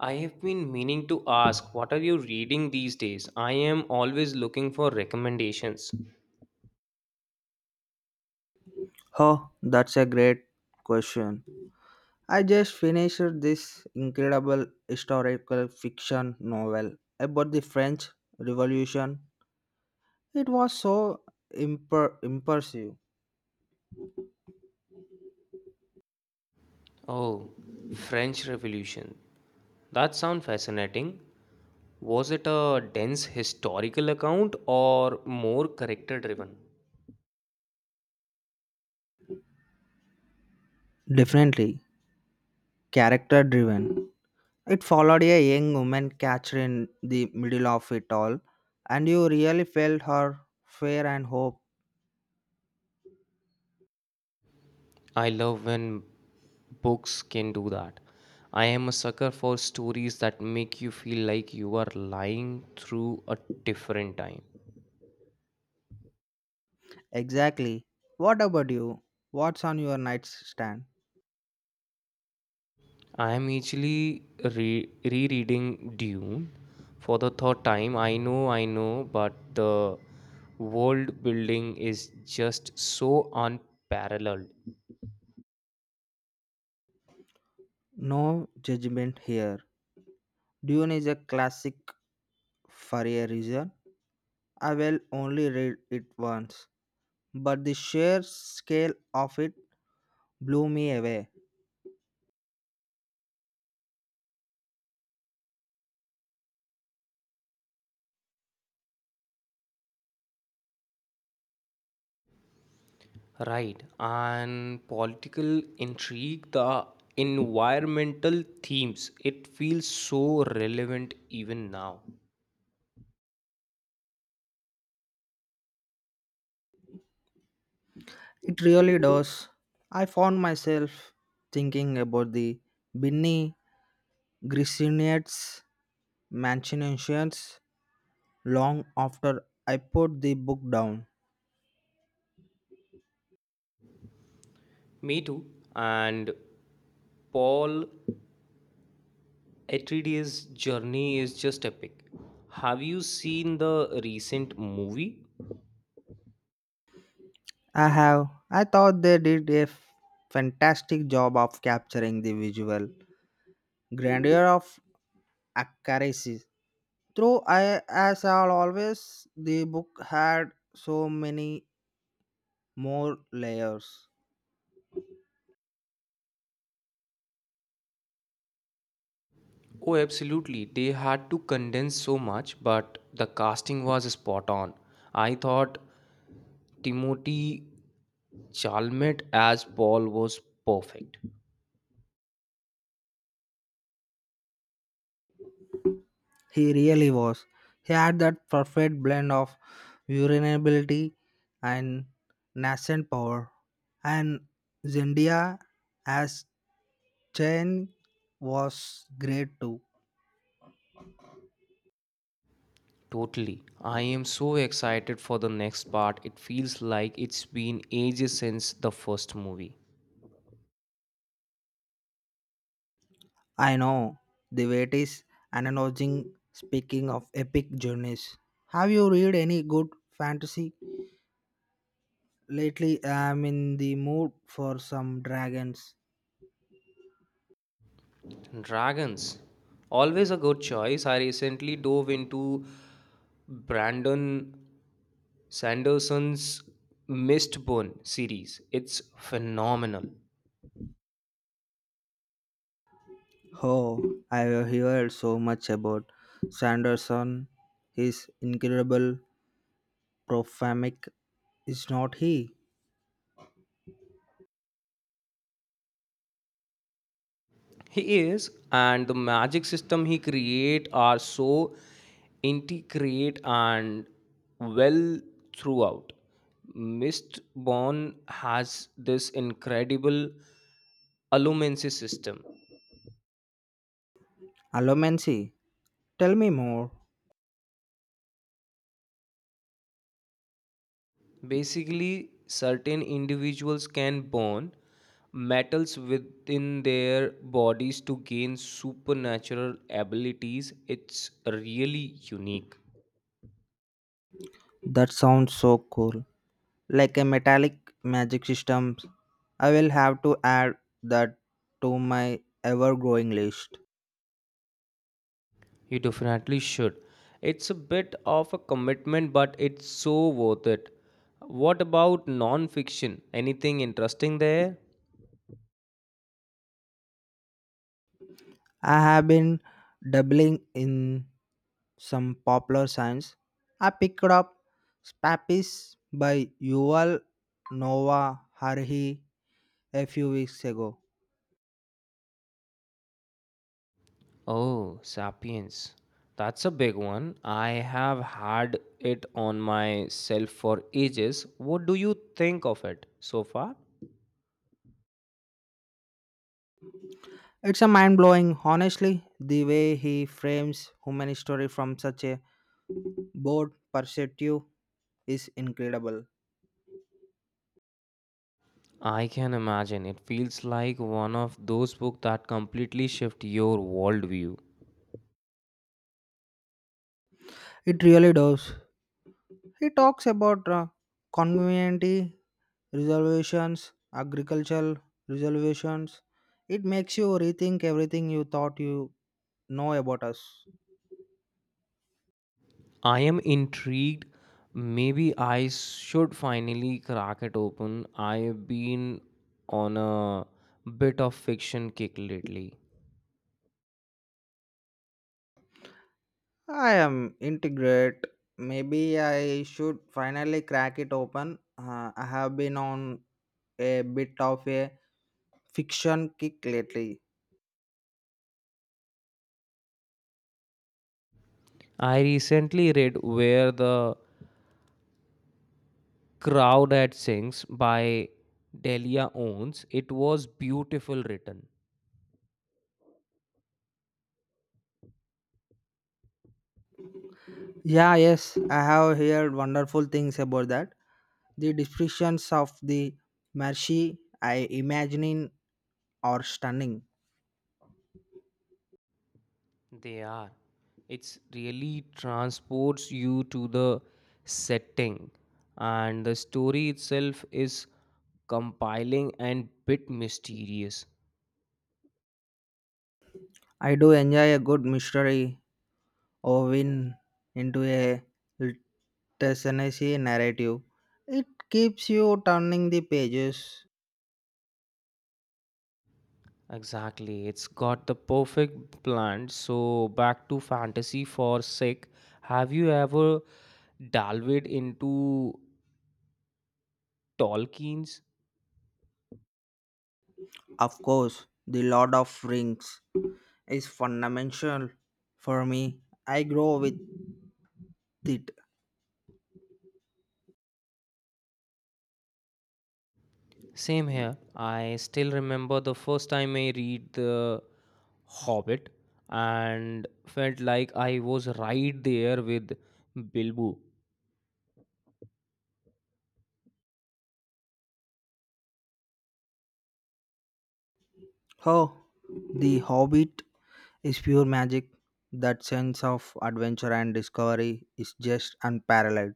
I have been meaning to ask, what are you reading these days? I am always looking for recommendations. Oh, that's a great question. I just finished this incredible historical fiction novel about the French Revolution. It was so impressive. Oh, French Revolution. That sounds fascinating. Was it a dense historical account or more character driven? Definitely character driven. It followed a young woman captured in the middle of it all, and you really felt her fear and hope. I love when books can do that. I am a sucker for stories that make you feel like you are lying through a different time. Exactly. What about you? What's on your nightstand? I am actually rereading Dune for the third time. I know, but the world building is just so unparalleled. No judgment here. Dune is a classic for a reason. I will only read it once, but the sheer scale of it blew me away. Right, and political intrigue, the environmental themes, it feels so relevant even now. It really does. I found myself thinking about the Binny Grisinates machinations long after I put the book down. Me too. And Paul Atreides' journey is just epic. Have you seen the recent movie? I have. I thought they did a fantastic job of capturing the visual grandeur of Acarisi. Though I, as all always, the book had so many more layers. Oh, absolutely. They had to condense so much, but the casting was spot on. I thought Timothy Chalmette as Paul was perfect. He really was. He had that perfect blend of vulnerability and nascent power. And Zendia as Chen was great too. Totally. I am so excited for the next part. It feels like it's been ages since the first movie. I know the wait is analogizing speaking of epic journeys. Have you read any good fantasy? Lately, I'm in the mood for some dragons. Dragons. Always a good choice. I recently dove into Brandon Sanderson's Mistborn series. It's phenomenal. Oh, I have heard so much about Sanderson. His incredible prophamic is not he. He is, and the magic system he create are so integrate and well throughout. Mistborn has this incredible allumancy system. Allomancy. Tell me more. Basically, certain individuals can burn metals within their bodies to gain supernatural abilities. It's really unique. That sounds so cool. Like a metallic magic system. I will have to add that to my ever growing list. You definitely should. It's a bit of a commitment, but it's so worth it. What about non-fiction? Anything interesting there? I have been dabbling in some popular science. I picked up Spapis by Yuval Noah Harari a few weeks ago. Oh, Sapiens. That's a big one. I have had it on my shelf for ages. What do you think of it so far? It's a mind blowing, honestly, the way he frames human history from such a broad perspective is incredible. I can imagine. It feels like one of those books that completely shift your worldview. It really does. He talks about community reservations, agricultural reservations. It makes you rethink everything you thought you know about us. I am intrigued. Maybe I should finally crack it open. I've been on a bit of fiction kick lately. I am integrate. Maybe I should finally crack it open. I have been on a bit of a fiction kick lately. I recently read Where the Crowd at Sings by Delia Owens. It was beautiful written. Yeah, yes, I have heard wonderful things about that. The descriptions of the Mercy I imagine are stunning. They are. It's really transports you to the setting and the story itself is compiling and bit mysterious. I do enjoy a good mystery or win into a literacy narrative. It keeps you turning the pages. Exactly. It's got the perfect blend. So back to fantasy for sec. Have you ever delved into Tolkien's? Of course, The Lord of Rings is fundamental for me. I grow with it. Same here. I still remember the first time I read the Hobbit and felt like I was right there with Bilbo. Oh, The Hobbit is pure magic. That sense of adventure and discovery is just unparalleled.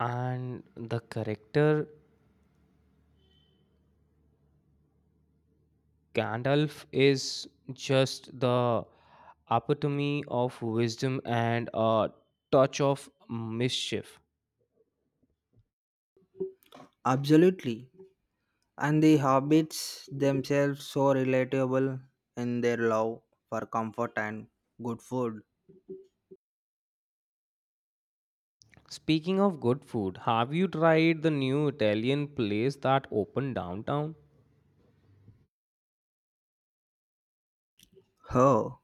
And the character Gandalf is just the epitome of wisdom and a touch of mischief. Absolutely. And the hobbits themselves so relatable in their love for comfort and good food. Speaking of good food, have you tried the new Italian place that opened downtown? Oh,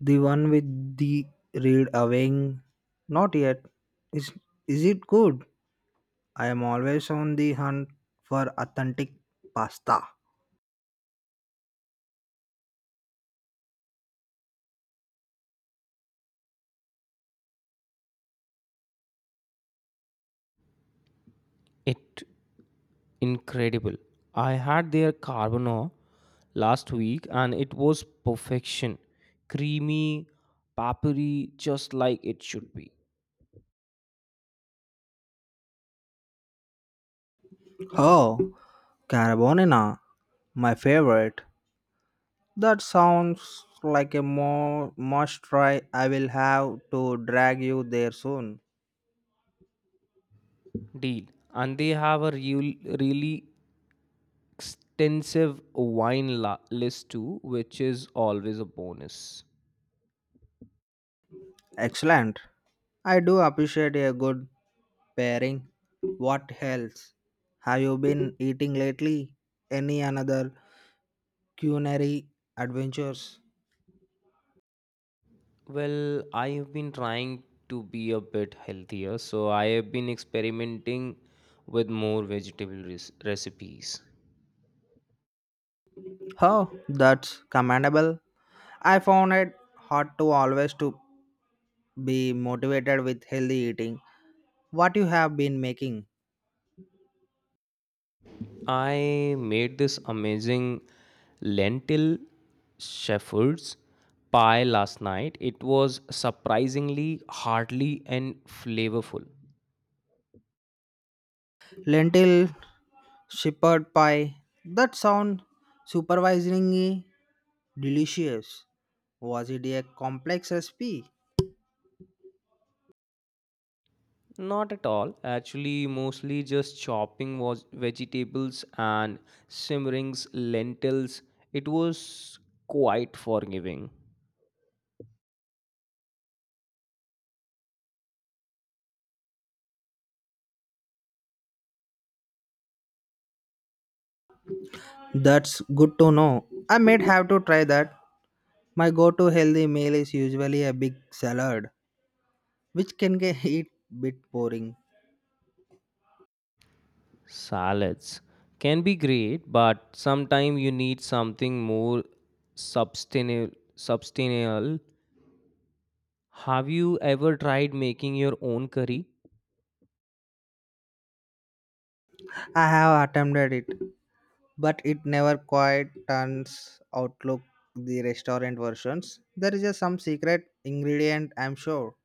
the one with the read away. Not yet. Is is it good? I am always on the hunt for authentic pasta. It incredible. I had their carbonara last week and it was perfection. Creamy, peppery, just like it should be. Oh, carbonara, my favorite. That sounds like a must try. I will have to drag you there soon. Deal. And they have a really extensive wine list too, which is always a bonus. Excellent. I do appreciate a good pairing. What else have you been eating lately? Any another culinary adventures? Well, I have been trying to be a bit healthier, so I have been experimenting with more vegetable recipes. Oh, that's commendable. I found it hard to always to be motivated with healthy eating. What you have been making? I made this amazing lentil shepherd's pie last night. It was surprisingly hearty and flavorful. Lentil shepherd pie. That sound supervisingly delicious. Was it a complex recipe? Not at all. Actually, mostly just chopping was vegetables and simmerings, lentils. It was quite forgiving. That's good to know. I might have to try that. My go-to healthy meal is usually a big salad, which can get it bit boring. Salads can be great, but sometimes you need something more Substantial. Have you ever tried making your own curry? I have attempted it, but it never quite turns outlook the restaurant versions. There is just some secret ingredient, I'm sure.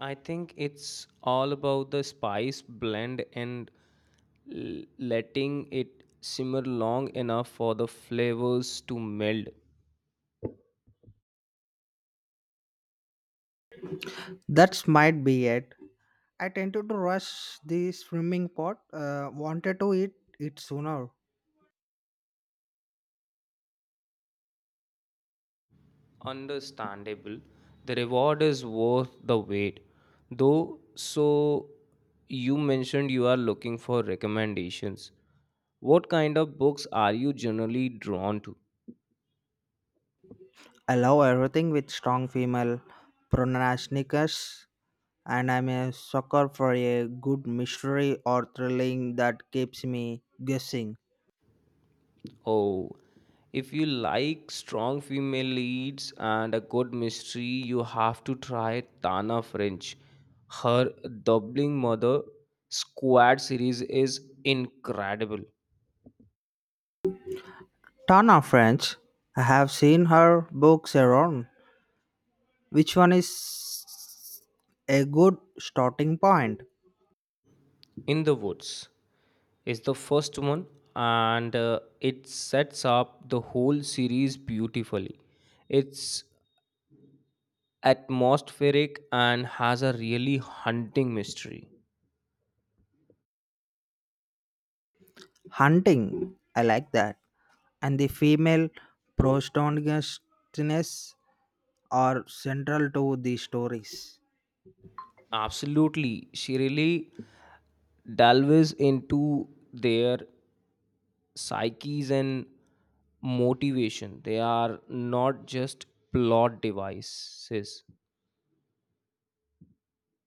I think it's all about the spice blend and letting it simmer long enough for the flavors to meld. That might be it. I tended to rush the swimming pot. Wanted to eat it sooner. Understandable. The reward is worth the wait. Though, so you mentioned you are looking for recommendations. What kind of books are you generally drawn to? I love everything with strong female pronunciations, and I'm a sucker for a good mystery or thrilling that keeps me guessing. Oh, if you like strong female leads and a good mystery, you have to try Tana French. Her Doubling Mother Squad series is incredible. Tana French. I have seen her books around. Which one is a good starting point? In the Woods is the first one, and it sets up the whole series beautifully. It's atmospheric and has a really hunting mystery. Hunting, I like that. And the female protagonists are central to the stories. Absolutely. She really delves into their psyches and motivation. They are not just plot devices.